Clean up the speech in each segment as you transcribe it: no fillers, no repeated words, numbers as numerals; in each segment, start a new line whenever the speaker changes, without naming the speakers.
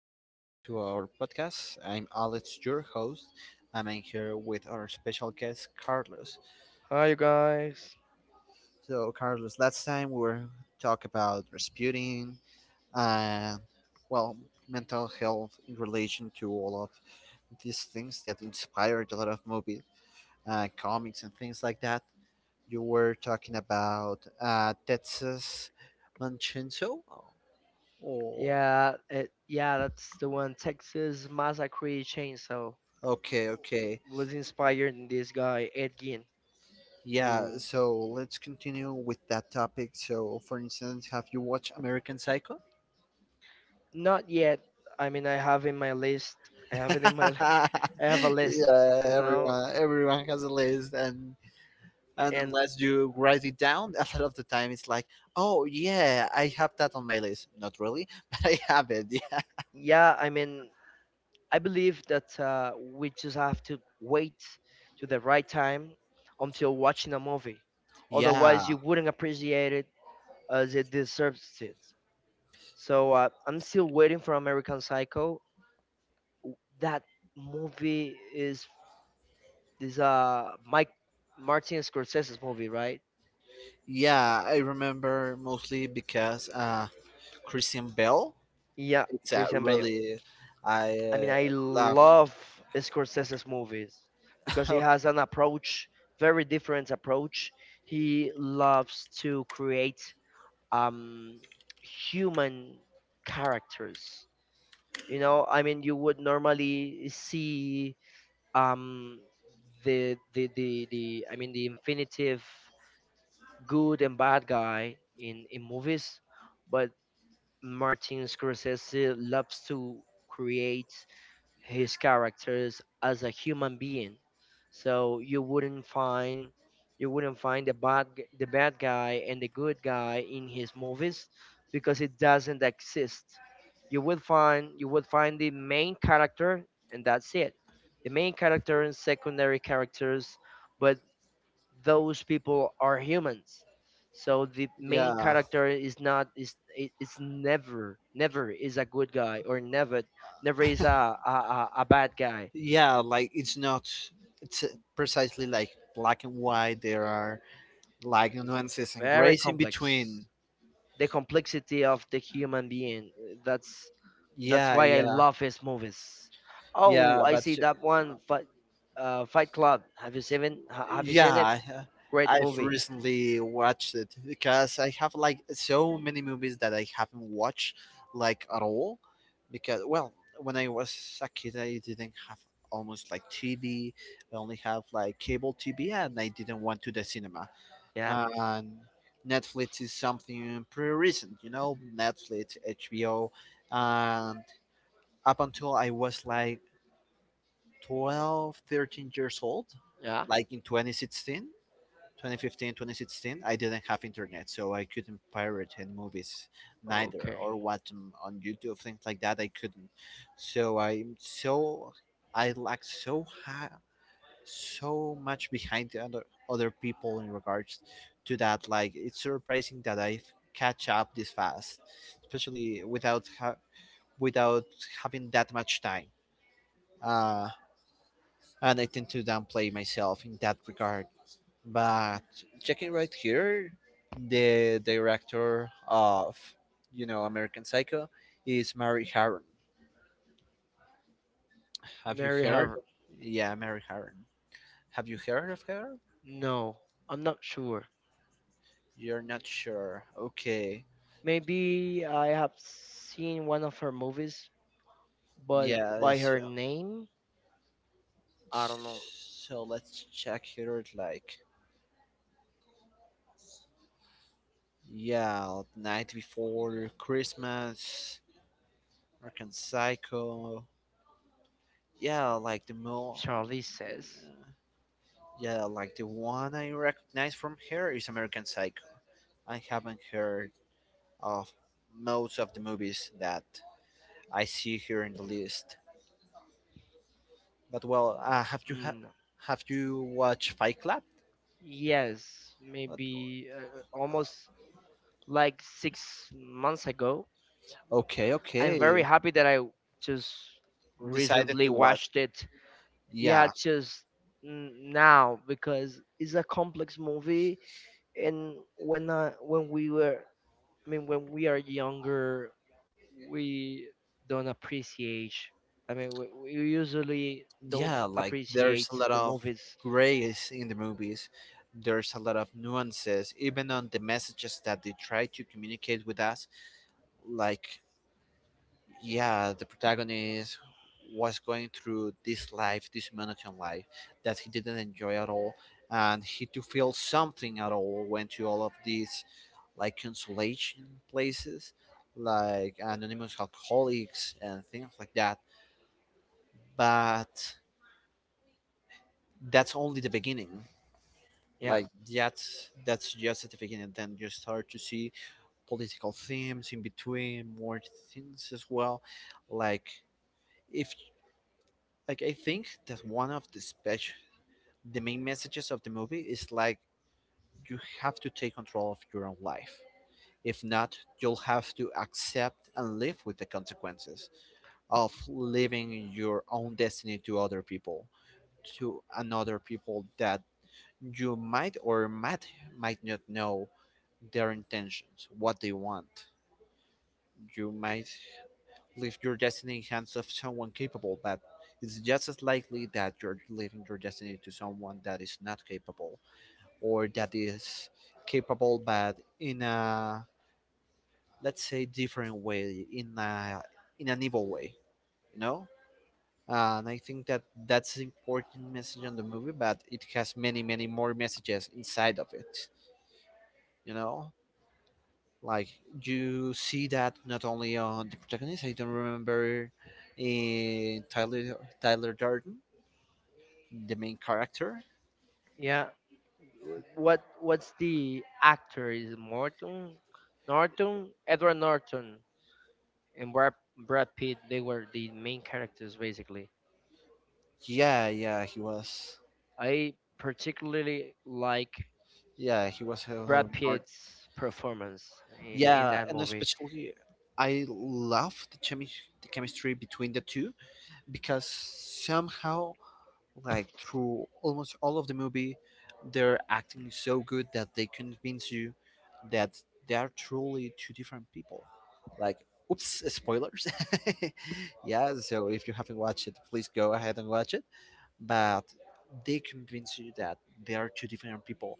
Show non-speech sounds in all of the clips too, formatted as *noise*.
once more to our podcast. I'm Alex, your host, and I'm here with our special guest, Carlos.
Hi, you guys.
So, Carlos, last time we were talk about Rasputin, uh, well, mental health in relation to all of these things that inspired a lot of movies, comics, and things like that. You were talking about Texas Manchento, or
Yeah, that's the one. Texas Massacre Chainsaw
okay, okay.
was inspired in this guy Ed Gein.
Yeah,
Ooh.
so let's continue with that topic. So, for instance, have you watched American Psycho?
Not yet. I mean, I have in my list. I
*laughs*
have it in my. Li- *laughs* I have a
Yeah,
list, you know.
everyone has a list, and
And
unless you write it down, *laughs* a lot of the time it's like, oh yeah, I have that on my list. Not really, *laughs* but I have it. *laughs*
yeah, I mean, I believe that we just have to wait to the right time until watching a movie.
Yeah,
Otherwise,
yeah,
you wouldn't appreciate it as it deserves it. So I'm still waiting for American Psycho. That movie is this Mike Martin Scorsese's movie, right?
yeah. I remember mostly because Christian Bell.
Yeah,
It's a
Christian Bale.
really I
I mean, I
laugh.
love Scorsese's movies because
*laughs*
he
Okay,
has an approach, very different approach. He loves to create um human characters. You know, I mean, you would normally see um the the infinitive good and bad guy in movies, but Martin Scorsese loves to create his characters as a human being. So you wouldn't find the bad guy and the good guy in his movies because it doesn't exist. You would find the main character, and that's it. The main character and secondary characters, but those people are humans, so the main
yeah.
character is never, never is a good guy, or never never is a a bad guy.
Yeah, like it's not, it's precisely like black and white. There are like nuances and
Very
grays in between.
complex, the complexity of the human being. That's
Yeah,
why I
yeah,
love his movies. Oh,
yeah,
I
but
see that one fight Fight Club. Have you seen it? Have you
yeah
seen it?
I-
Great
I've
movie.
recently watched it because I have like so many movies that I haven't watched like at all, because well, when I was a kid I didn't have almost like TV. I only have like cable TV and I didn't want to the cinema.
Yeah.
And Netflix is something pretty recent, you know, Netflix, HBO, and up until I was like 12, 13 years old,
Yeah.
like in 2016, 2015, 2016, I didn't have internet, so I couldn't pirate any movies neither
Okay.
or watch them on YouTube, things like that. I couldn't. So I lack so high, so much behind the other people in regards to that. Like it's surprising that I catch up this fast, especially without having that much time. Uh, and I tend to downplay myself in that regard. But checking right here, the director of you know American Psycho is Mary Harron. Have you
Mary
heard?
Harvard.
Yeah, Mary Harron. Have you heard of her?
No, I'm not sure.
You're not sure. Okay.
Maybe I have seen one of her movies, but
Yeah,
by
so,
her name, I don't know.
so let's check here. It's like, yeah, night before Christmas, American Psycho. Yeah, like the most.
Charlie says.
Yeah, like the one I recognize from here is American Psycho. I haven't heard of most of the movies that I see here in the list. But well,
No.
have you watched Fight Club?
Yes, maybe almost like 6 months ago.
Okay,
I'm very
okay.
happy that I just
Decided
recently
to watch.
watched it. Yeah,
Yeah,
just now, because it's a complex movie. And when we were I mean when we are younger, we don't appreciate I mean we usually don't
yeah, like there's
appreciate
a lot
the
of
movies.
grace in the movies. There's a lot of nuances, even on the messages that they try to communicate with us. Like, yeah, the protagonist was going through this life, this monotone life that he didn't enjoy at all, and he to feel something at all went to all of these like consolation places, like anonymous alcoholics and things like that. But that's only the beginning.
Yeah.
Like that, that's just at the beginning. Then you start to see political themes in between, more things as well. Like if, like I think that one of the special, the main messages of the movie is like you have to take control of your own life. If not, you'll have to accept and live with the consequences of living your own destiny to other people, to another people that you might or might not know their intentions, what they want. You might leave your destiny in hands of someone capable, but it's just as likely that you're leaving your destiny to someone that is not capable, or that is capable but in a, let's say different way, in a, in an evil way, you know. And I think that that's an important message on the movie, but it has many, many more messages inside of it. You know, like you see that not only on the protagonist. I don't remember in Tyler Durden, the main character.
Yeah. What's the actor? Is it morton Norton? Edward Norton and Brad Pitt. They were the main characters basically.
Yeah, yeah, he was.
I particularly like
Yeah, he was right.
Brad
Helen Hart.
Pitt's performance in
Yeah,
that
and
movie.
especially I love the the chemistry between the two, because somehow, like through almost all of the movie, their acting is so good that they convince you that they are truly two different people. Like, oops, spoilers. *laughs* Yeah, so if you haven't watched it, please go ahead and watch it. But they convince you that they are two different people.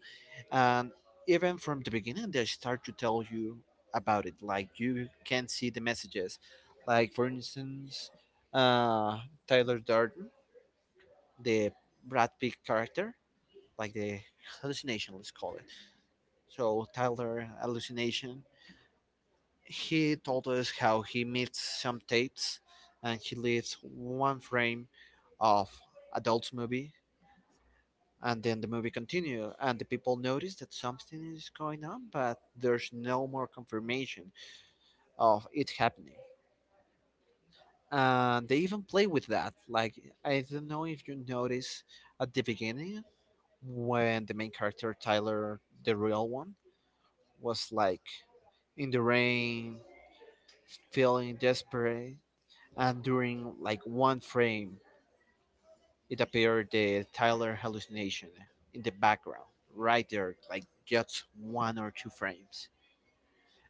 And even from the beginning, they start to tell you about it. Like, you can see the messages. Like, for instance, uh, Tyler Durden, the Brad Pitt character, like the hallucination, let's call it. So Tyler hallucination. He told us how he meets some Tates, and he leaves one frame of adults movie, and then the movie continue, and the people notice that something is going on, but there's no more confirmation of it happening. And they even play with that. Like, I don't know if you notice at the beginning when the main character Tyler, the real one, was like in the rain, feeling desperate, and during like one frame, it appeared the Tyler hallucination in the background, right there, like just one or two frames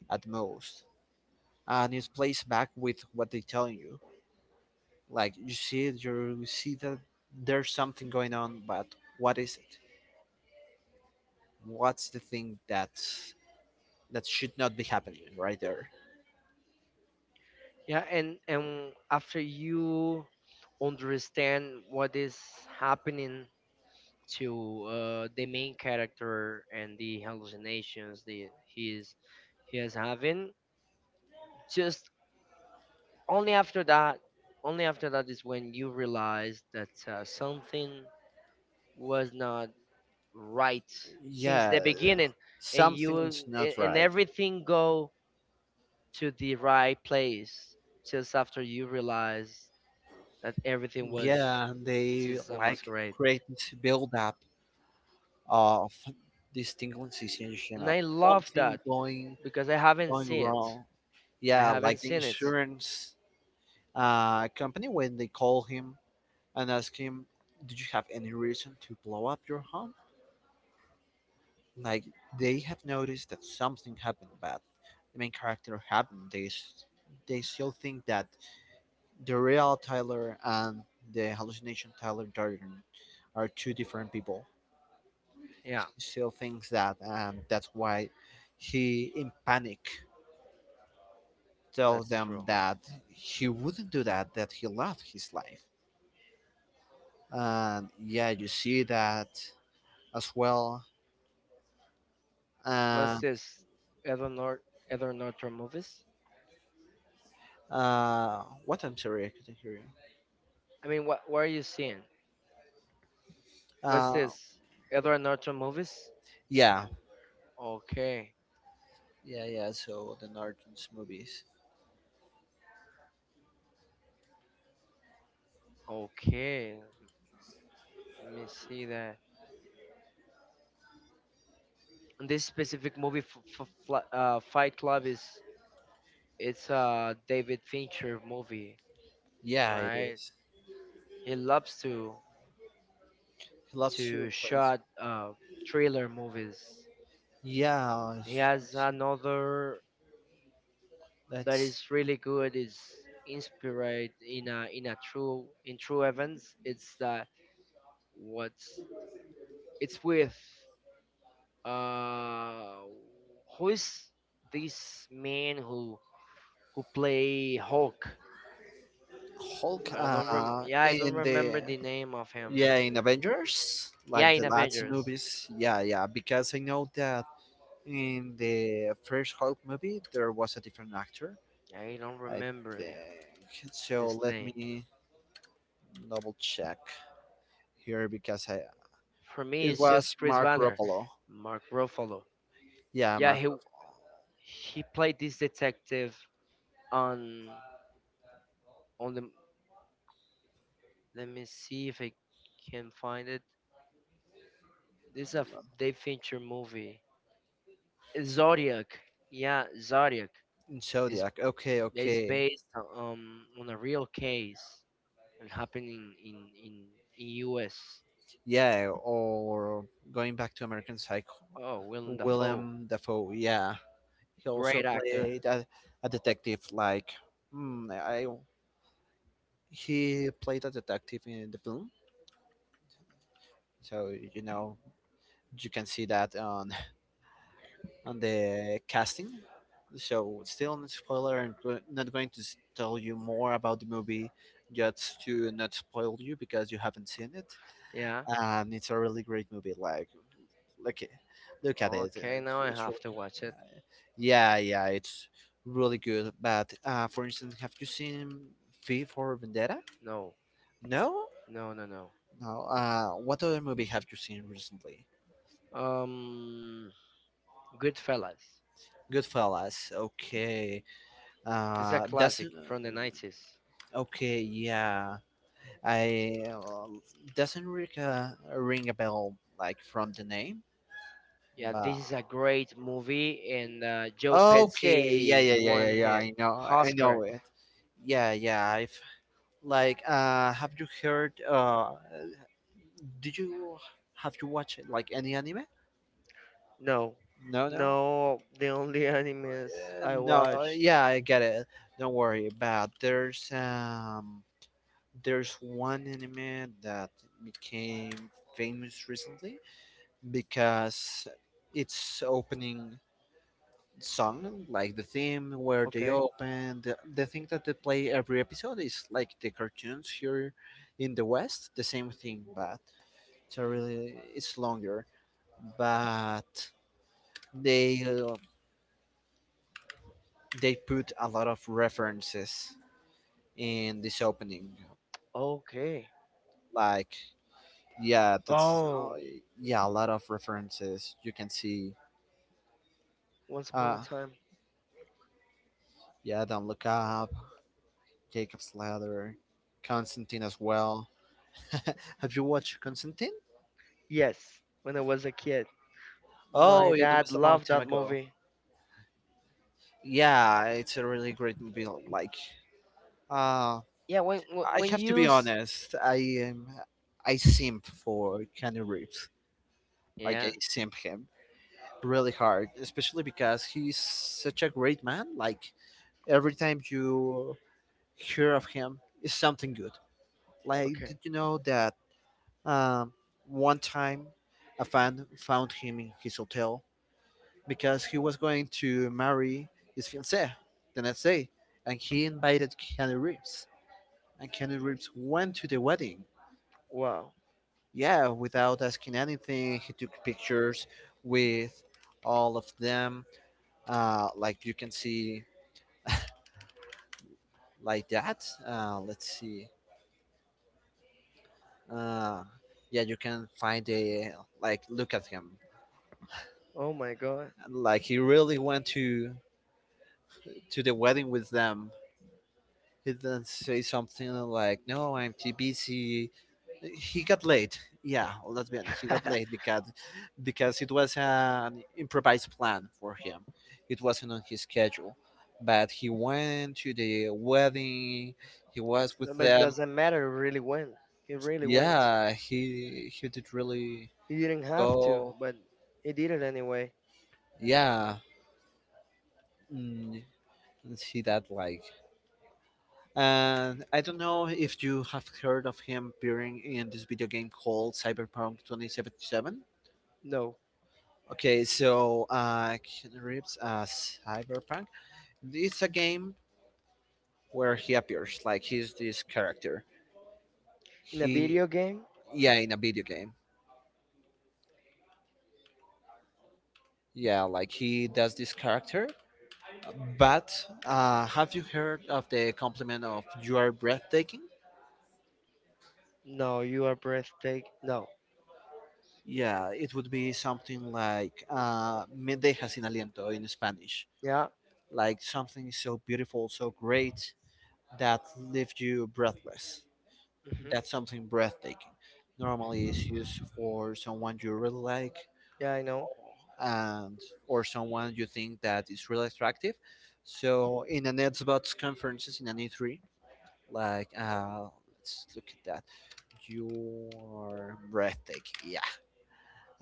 at most, and it's placed back with what they're telling you. Like you see it, you see that there's something going on, but what is it? What's the thing that should not be happening right there?
Yeah, and after you understand what is happening to the main character and the hallucinations that he is having, just only after that, only after that is when you realize that something was not right since the
Yeah,
beginning, and you
something's not
and
right.
everything go to the right place just after you realize that everything was
Yeah, and they
Citizen
like
Masquerade.
create this build up of this tingling sensation
And
of
I love
something
that
going
because I haven't
going
seen it.
wrong.
I
Yeah,
haven't
like the
seen it.
insurance company when they call him and ask him, "Did you have any reason to blow up your home?" Like they have noticed that something happened bad. The main character happened. They still think that the real Tyler and the hallucination Tyler Durden are two different people.
Yeah,
He still thinks that, and that's why he, in panic, tells
that's
them
true.
that he wouldn't do that, that he loved his life. And yeah, you see that as well. Uh,
What's this? Edward, Nor- Edward Norton movies?
what? I'm sorry, I couldn't hear you.
I mean, what are you seeing? What's
Uh,
this? Edward Norton movies?
yeah,
Okay,
yeah, yeah. So the Norton's movies.
okay. Let me see that. And this specific movie, Fight Club, is it's a David Fincher movie,
Yeah, it
right?
is.
He loves to
He loves to play.
shot thriller movies.
Yeah,
He has
it's-
another that
That's
is really good. Is inspired in a true in true events. It's that what's it's with uh who is this man who play Hulk?
Hulk
I don't rem. Yeah, I don't
in
remember
the,
the name of him.
yeah in Avengers,
Yeah,
like
in
the last
Avengers.
movies. Yeah, yeah. Because I know that in the first Hulk movie there was a different actor.
Yeah, I don't
I
remember him.
think so.
His
Let
name.
me double check here because I
For me,
it
it's
was
just Chris
Mark
Banner.
Ruffalo.
Mark Ruffalo.
Yeah,
Yeah,
Mark Ruffalo.
he played this detective on on the. Let me see if I can find it. This is a Dave Fincher movie. Zodiac. Yeah, Zodiac
In
is
Zodiac. Okay,
is
okay.
based on a real case and happening in U.S.
Yeah, or going back to American Psycho,
Oh, Willem Dafoe.
Willem Dafoe. Yeah, he also
Great actor.
played a detective. Like, hmm, I he played a detective in the film, so you know you can see that on the casting. So still no spoiler, and not going to tell you more about the movie, just to not spoil you because you haven't seen it.
Yeah.
And it's a really great movie. Like, look, look at it.
Okay, now I
It's
have
really,
to watch it.
yeah, yeah, it's really good. But for instance, have you seen V for Vendetta?
No,
No,
no, no.
no. What other movie have you seen recently?
Um, Goodfellas.
Goodfellas. Okay.
It's a classic
Doesn't.
from the 90s.
Okay. Yeah. I doesn't ring a bell like from the name,
Yeah, this
but
is a great movie, and Joe
okay, yeah,
Pesci
yeah, yeah, yeah,
won
yeah.
his
I know
Oscar.
it. Yeah, yeah. I've like, have you heard? Did you have you watched like any anime?
No,
No, no,
no, the only *laughs* animes I
no.
watched.
Yeah, I get it. Don't worry about. There's there's one anime that became famous recently because it's opening song, like the theme where they
Okay.
open, the thing that they play every episode is like the cartoons here in the West, the same thing, but it's a really it's longer. But they uh, they put a lot of references in this opening,
Okay.
like yeah, that's
Oh,
yeah, a lot of references. You can see,
Once Upon a
uh,
Time.
yeah, don't look up, Jacob's Ladder, Constantine as well. *laughs* Have you watched Constantine?
Yes, when I was a kid,
Oh,
my
it
dad
was a long
loved
time
that
ago.
movie.
Yeah, it's a really great movie. Like, uh,
Yeah, when wh-
I
when
have to
you
be
s-
honest. I simp for Keanu Reeves. Like, I
Yeah.
simp him really hard, especially because he's such a great man. Like, every time you hear of him, it's something good. Like,
Okay.
did you know that um, one time a fan found him in his hotel because he was going to marry his fiancée the next day, and he invited Keanu Reeves, and Keanu Reeves went to the wedding.
Wow.
Yeah, without asking anything, he took pictures with all of them. Like you can see, like that. Let's see. Uh, yeah, you can find a like look at him.
Oh my God.
Like he really went to the wedding with them. He didn't say something like, "No, I'm too busy." He got late. Yeah, let's be honest. He got late
*laughs*
because it was an improvised plan for him. It wasn't on his schedule, but he went to the wedding. He was
No,
with
but it
them.
doesn't matter really when. It really went.
Yeah, he did really
You didn't have to,
go.
but he did it anyway.
Yeah, mm, and see that like. And I don't know if you have heard of him appearing in this video game called Cyberpunk 2077.
No.
Okay, so Keanu Reeves as Cyberpunk. It's a game where he appears, like, he's this character.
In a
He,
video game?
yeah, in a video game. Yeah, like, he does this character. But have you heard of the compliment of "You are breathtaking"?
No, you are breathtaking. No.
Yeah, it would be something like "Me dejas sin aliento" in Spanish.
Yeah.
Like something so beautiful, so great that leaves you breathless.
Hmm.
That's something breathtaking. Normally, it's used for someone you really like,
Yeah, I know.
and or someone you think that is really attractive. So in an Xbox conferences, in an E3, like, let's look at that. You are breathtaking. Yeah.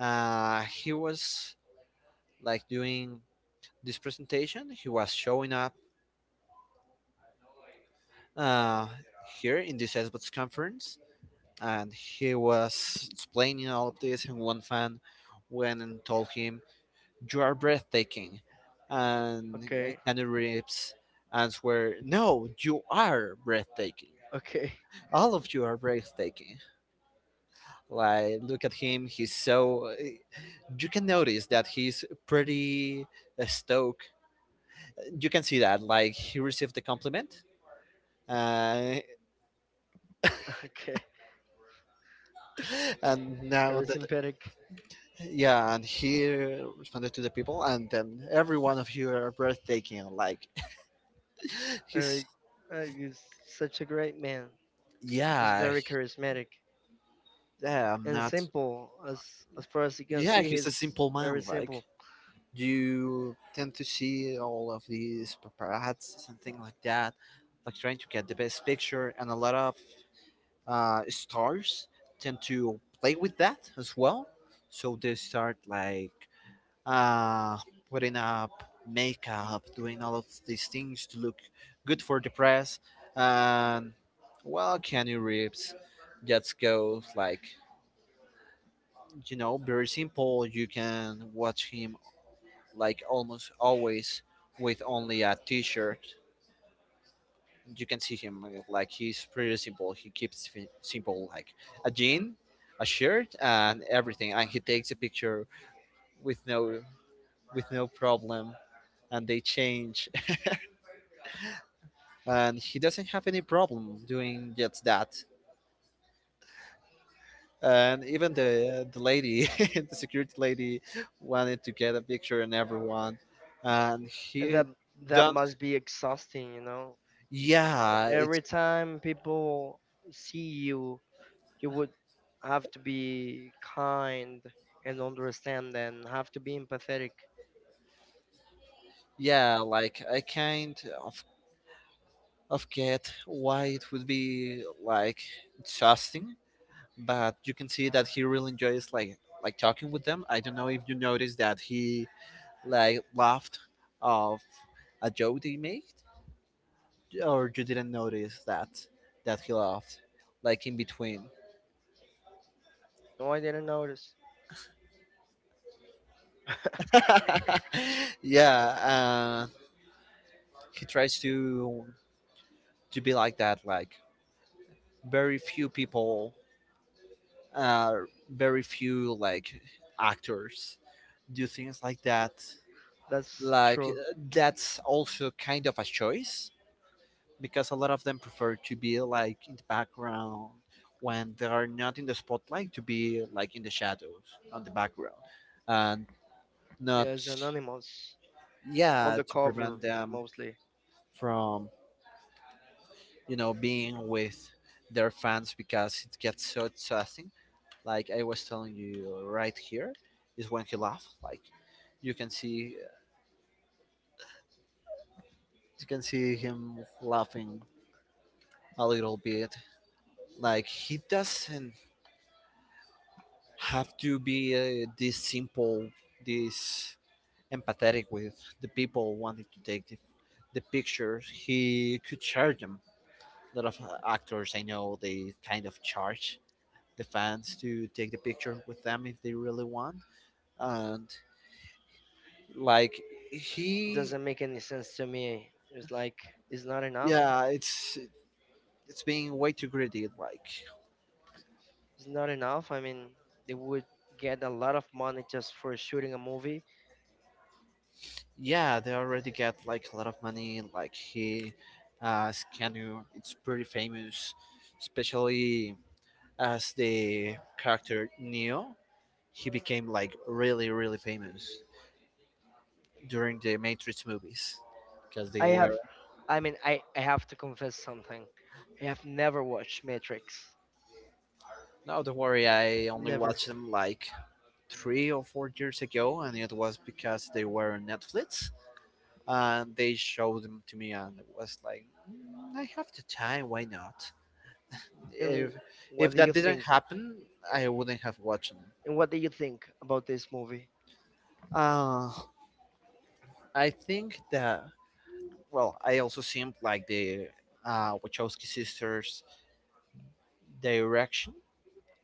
He was, like, doing this presentation. He was showing up, uh, here in this Xbox conference, and he was explaining all of this, and one fan went and told him, "You are breathtaking," and
Okay.
Keanu Reeves answered, "No, you are breathtaking.
*laughs* Okay.
All of you are breathtaking." Like, look at him, he's so, you can notice that he's pretty stoked. You can see that, like, he received the compliment, uh,
*laughs* Okay,
and now.
Harrison Pedic,
Yeah, and he responded to the people, and then, "Every one of you are breathtaking." Like, *laughs* he's
Eric, he's such a great man. He's
yeah,
very charismatic
yeah, I'm
and
not
simple. As far as you can
yeah,
see,
he's a
he's
simple
very
man. Like,
simple,
you tend to see all of these paparazzi and things like that, like trying to get the best picture, and a lot of stars tend to play with that as well. So they start like, uh, putting up makeup, doing all of these things to look good for the press. And well, Keanu Reeves just goes, like, very simple. You can watch him, like, almost always with only a t-shirt. You can see him, like, he's pretty simple. He keeps simple, like a jean, a shirt, and everything. And he takes a picture with no problem, and they change, and he doesn't have any problem doing just that. And even the lady, *laughs* the security lady, wanted to get a picture, and everyone, and
and
he
that that
done.
must be exhausting, you know.
Yeah, it's
Every time people see you, you would have to be kind and understand, and have to be empathetic.
yeah. Like, I kind of of get why it would be like exhausting, but you can see that he really enjoys, like, talking with them. I don't know if you noticed that he, like, laughed of a joke they made, or you didn't notice that he laughed, like, in between.
No, I didn't notice.
*laughs* Yeah, he tries to be like that. Like, very few people, uh, very few, like, actors do things like that.
That's
Like,
true.
that's also kind of a choice, because a lot of them prefer to be, like, in the background. When they are not in the spotlight, to be like in the shadows on the background, and not,
Yes, anonymous on
yeah,
the
to
cover
prevent them
mostly.
from, being with their fans, because it gets so exhausting. Like, I was telling you, right here is when he laughed. Like, you can see you can see him laughing a little bit. Like, he doesn't have to be, this simple, this empathetic with the people wanting to take the pictures. He could charge them. A lot of actors I know, they kind of charge the fans to take the picture with them if they really want. And like, he,
Doesn't make any sense to me. It's like it's not enough.
yeah, it's being way too greedy. Like,
It's not enough. I mean, they would get a lot of money just for shooting a movie.
yeah, they already get like a lot of money. Like, Scanu, it's pretty famous, especially as the character Neo. He became, like, really, really famous during the Matrix movies, because they
I
were.
have, I mean, I have to confess something. I have never watched Matrix.
No, don't worry, I only
Never.
watched them like 3 or 4 years ago, and it was because they were on Netflix, and they showed them to me, and it was like, "Mm, I have the time, why not?
And
If
what
if
do
that
you
didn't
think?
happen, I wouldn't have watched them."
And what do you think about this movie?
Uh, I think that, well, I also seemed like the, Wachowski sisters' direction.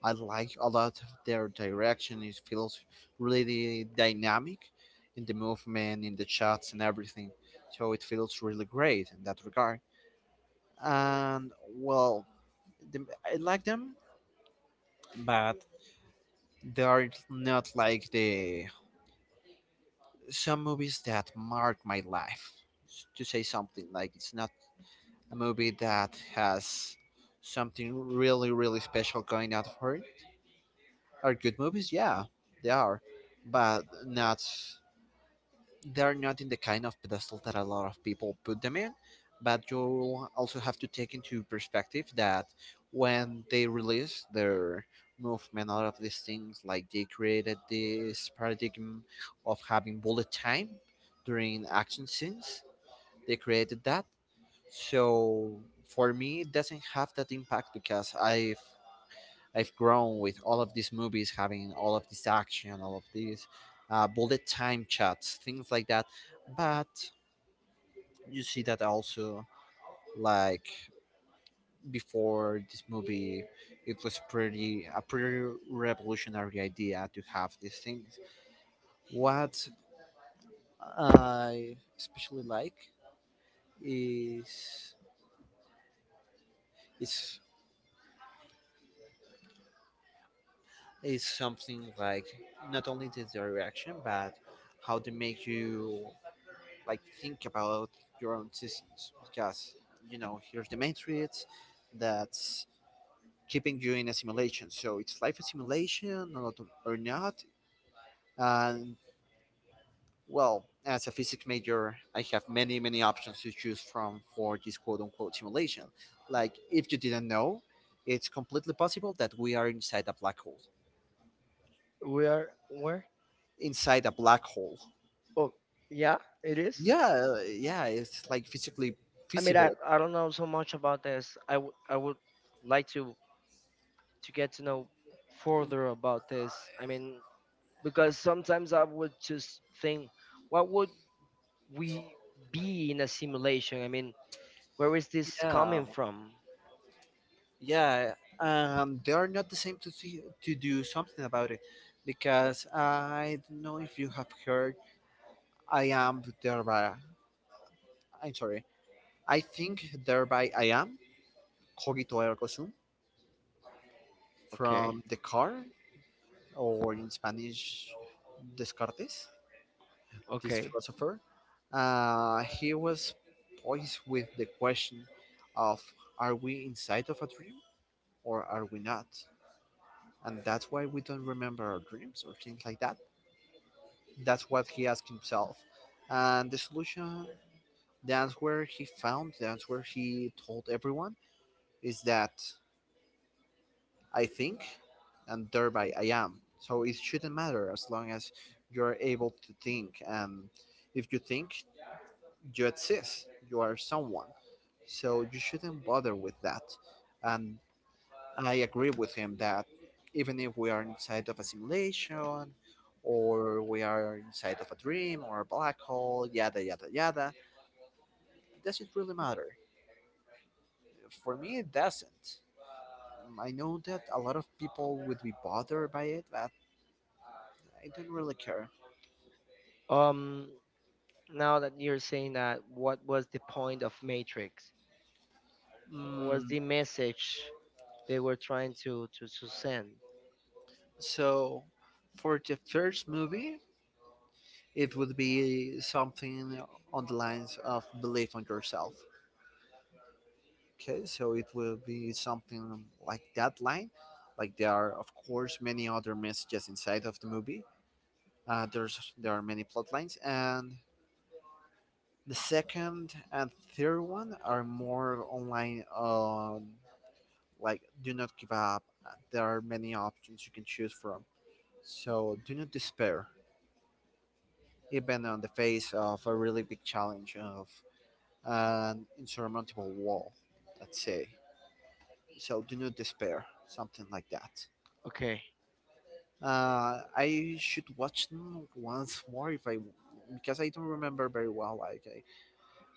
I like a lot of their direction. It feels really dynamic in the movement, in the shots, and everything. So it feels really great in that regard. And well, the, I like them, but they are not like the some movies that mark my life. To say something, like, it's not a movie that has something really, really special going out for it. Are good movies? Yeah, they are, but not they're not in the kind of pedestal that a lot of people put them in. But you'll also have to take into perspective that when they released their movement, out of these things, like, they created this paradigm of having bullet time during action scenes. They created that, so for me, it doesn't have that impact, because I've grown with all of these movies having all of this action, all of these, bullet time chats, things like that. But you see that also, like, before this movie, it was pretty a pretty revolutionary idea to have these things. What I especially like is is is something like, not only the direction, but how they make you, like, think about your own systems, because, here's the Matrix that's keeping you in a simulation. So, it's life a simulation or not, or not? And, well, as a physics major, I have many options to choose from for this quote unquote simulation. Like, if you didn't know, it's completely possible that we are inside a black hole.
We are where?
Inside a black hole.
Oh, yeah, it is.
Yeah, yeah, it's like, physically
I mean,
feasible.
I don't know so much about this. I would like to get to know further about this. I mean, because sometimes I would just think, what would we be in a simulation? I mean, where is this
Yeah,
coming from?
yeah, they are not the same to see, to do something about it. Because, I don't know if you have heard, I am thereby, I'm sorry, I think, thereby I am. Cogito ergo sum,
Okay,
from Descartes. Or, in Spanish, Descartes. This
okay.
philosopher, he was poised with the question of, are we inside of a dream, or are we not? And that's why we don't remember our dreams, or things like that. That's what he asked himself. And the solution, the answer he found, the answer he told everyone, is that, I think, and thereby I am. So it shouldn't matter, as long as you're able to think. And if you think, you exist, you are someone. So you shouldn't bother with that. And I agree with him that even if we are inside of a simulation, or we are inside of a dream, or a black hole, yada, yada, yada, does it really matter? For me, it doesn't. I know that a lot of people would be bothered by it, but I don't really care.
Um, now that you're saying that, what was the point of Matrix? What was
Mm,
the message they were trying to to send?
so, for the first movie, it would be something on the lines of, belief on yourself. Okay, so it will be something like that line. Like, there are, of course, many other messages inside of the movie. There's there are many plot lines, and the second and third one are more online on, like, do not give up. There are many options you can choose from. So, do not despair, even on the face of a really big challenge, of an insurmountable wall. Let's say. So, do not despair, something like that.
Okay,
I should watch them once more, if because I don't remember very well. Like,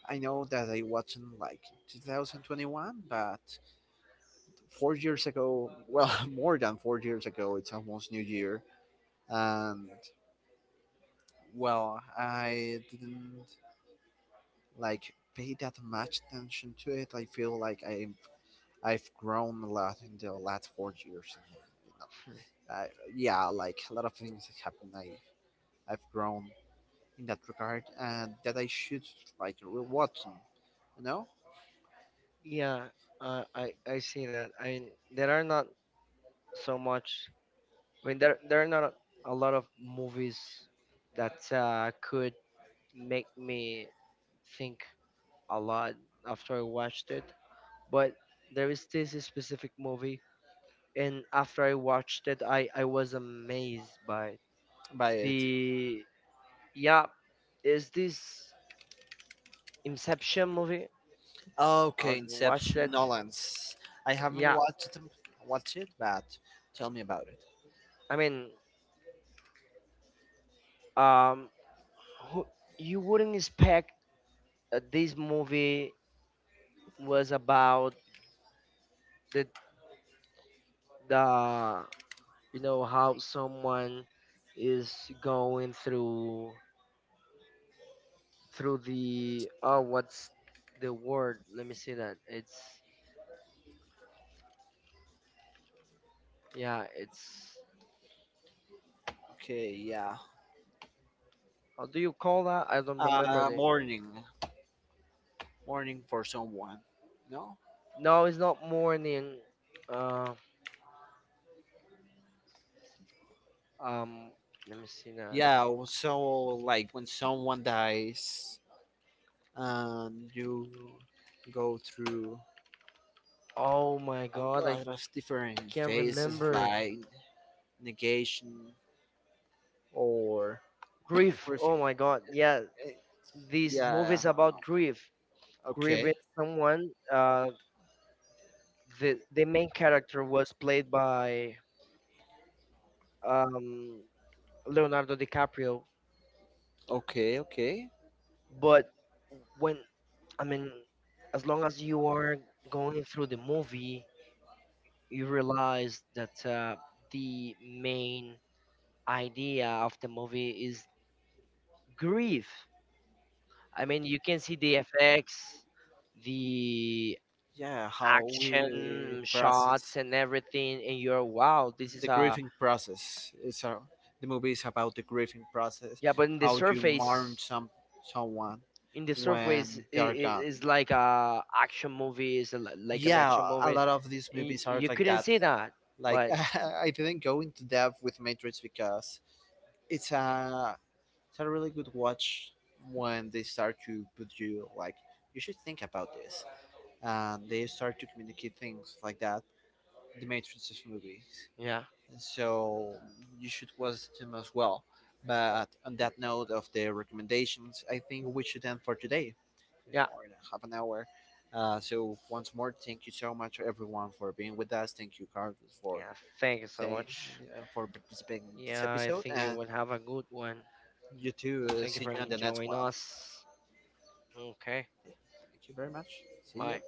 I know that I watched them like 2021, but 4 years ago, well, *laughs* more than 4 years ago, it's almost New Year, and well, I didn't like pay that much attention to it. I feel like, I've grown a lot in the last 4 years. You know, I, yeah, like, a lot of things have happened. I've grown in that regard, and that I should, like, to rewatch them, you know,
yeah, I see that. I mean, there are not so much. I mean, there are not a lot of movies that could make me think a lot after I watched it. But there is this specific movie, and after I watched it, I was amazed by
by it.
the. Yeah, is this Inception movie?
Okay,
Have you watched
Inception,
it?
Nolans. I haven't
Yeah,
watched them, watched it, but tell me about it.
I mean, um, who, you wouldn't expect that this movie was about the the you know how someone is going through the. Oh, what's the word? Let me see that. It's yeah, it's
Okay, yeah.
how do you call that? I don't remember the.
Morning, morning for someone. No.
No, it's not morning. uh um Let me see that.
Yeah. So, like, when someone dies, and you go through
Oh my
a
God, I
lot of different
can't
phases,
remember.
like, negation, or
Grief.
ref-
Oh my God. Yeah,
eh,
these
yeah,
movies about grief,
okay,
grieving someone. The main character was played by um Leonardo DiCaprio.
okay, okay,
But when, I mean, as long as you are going through the movie, you realize that the main idea of the movie is grief. I mean, you can see the effects, the
yeah, how we
action
process,
shots, and everything, and you're wow, this
the
is a.
grieving process. It's a the movie is about the grieving process,
Yeah. But
how you mourn someone
in the surface,
when
I
they are
it
gone.
is like a action movie. It's like an
Yeah,
action
a
movie.
lot of these movies are
You
like
couldn't
that.
see that,
Like,
but
*laughs* I didn't go into depth with Matrix, because it's a it's a really good watch. When they start to put you, like, you should think about this, and they start to communicate things like that. The Matrix is movies,
yeah.
so you should watch them as well. But on that note of the recommendations, I think we should end for today. Yeah.
Yeah.
More than half an hour. So, once more, thank you so much everyone for being with us. Thank you, Carlos, for
Yeah. Thank you so
saying,
much.
participating in this
Yeah, I
episode,
think you
and
will have a good one.
you too.
And thank you
See
for
you on the next
joining
one.
us. Okay.
Thank you very much. See you.
Bye.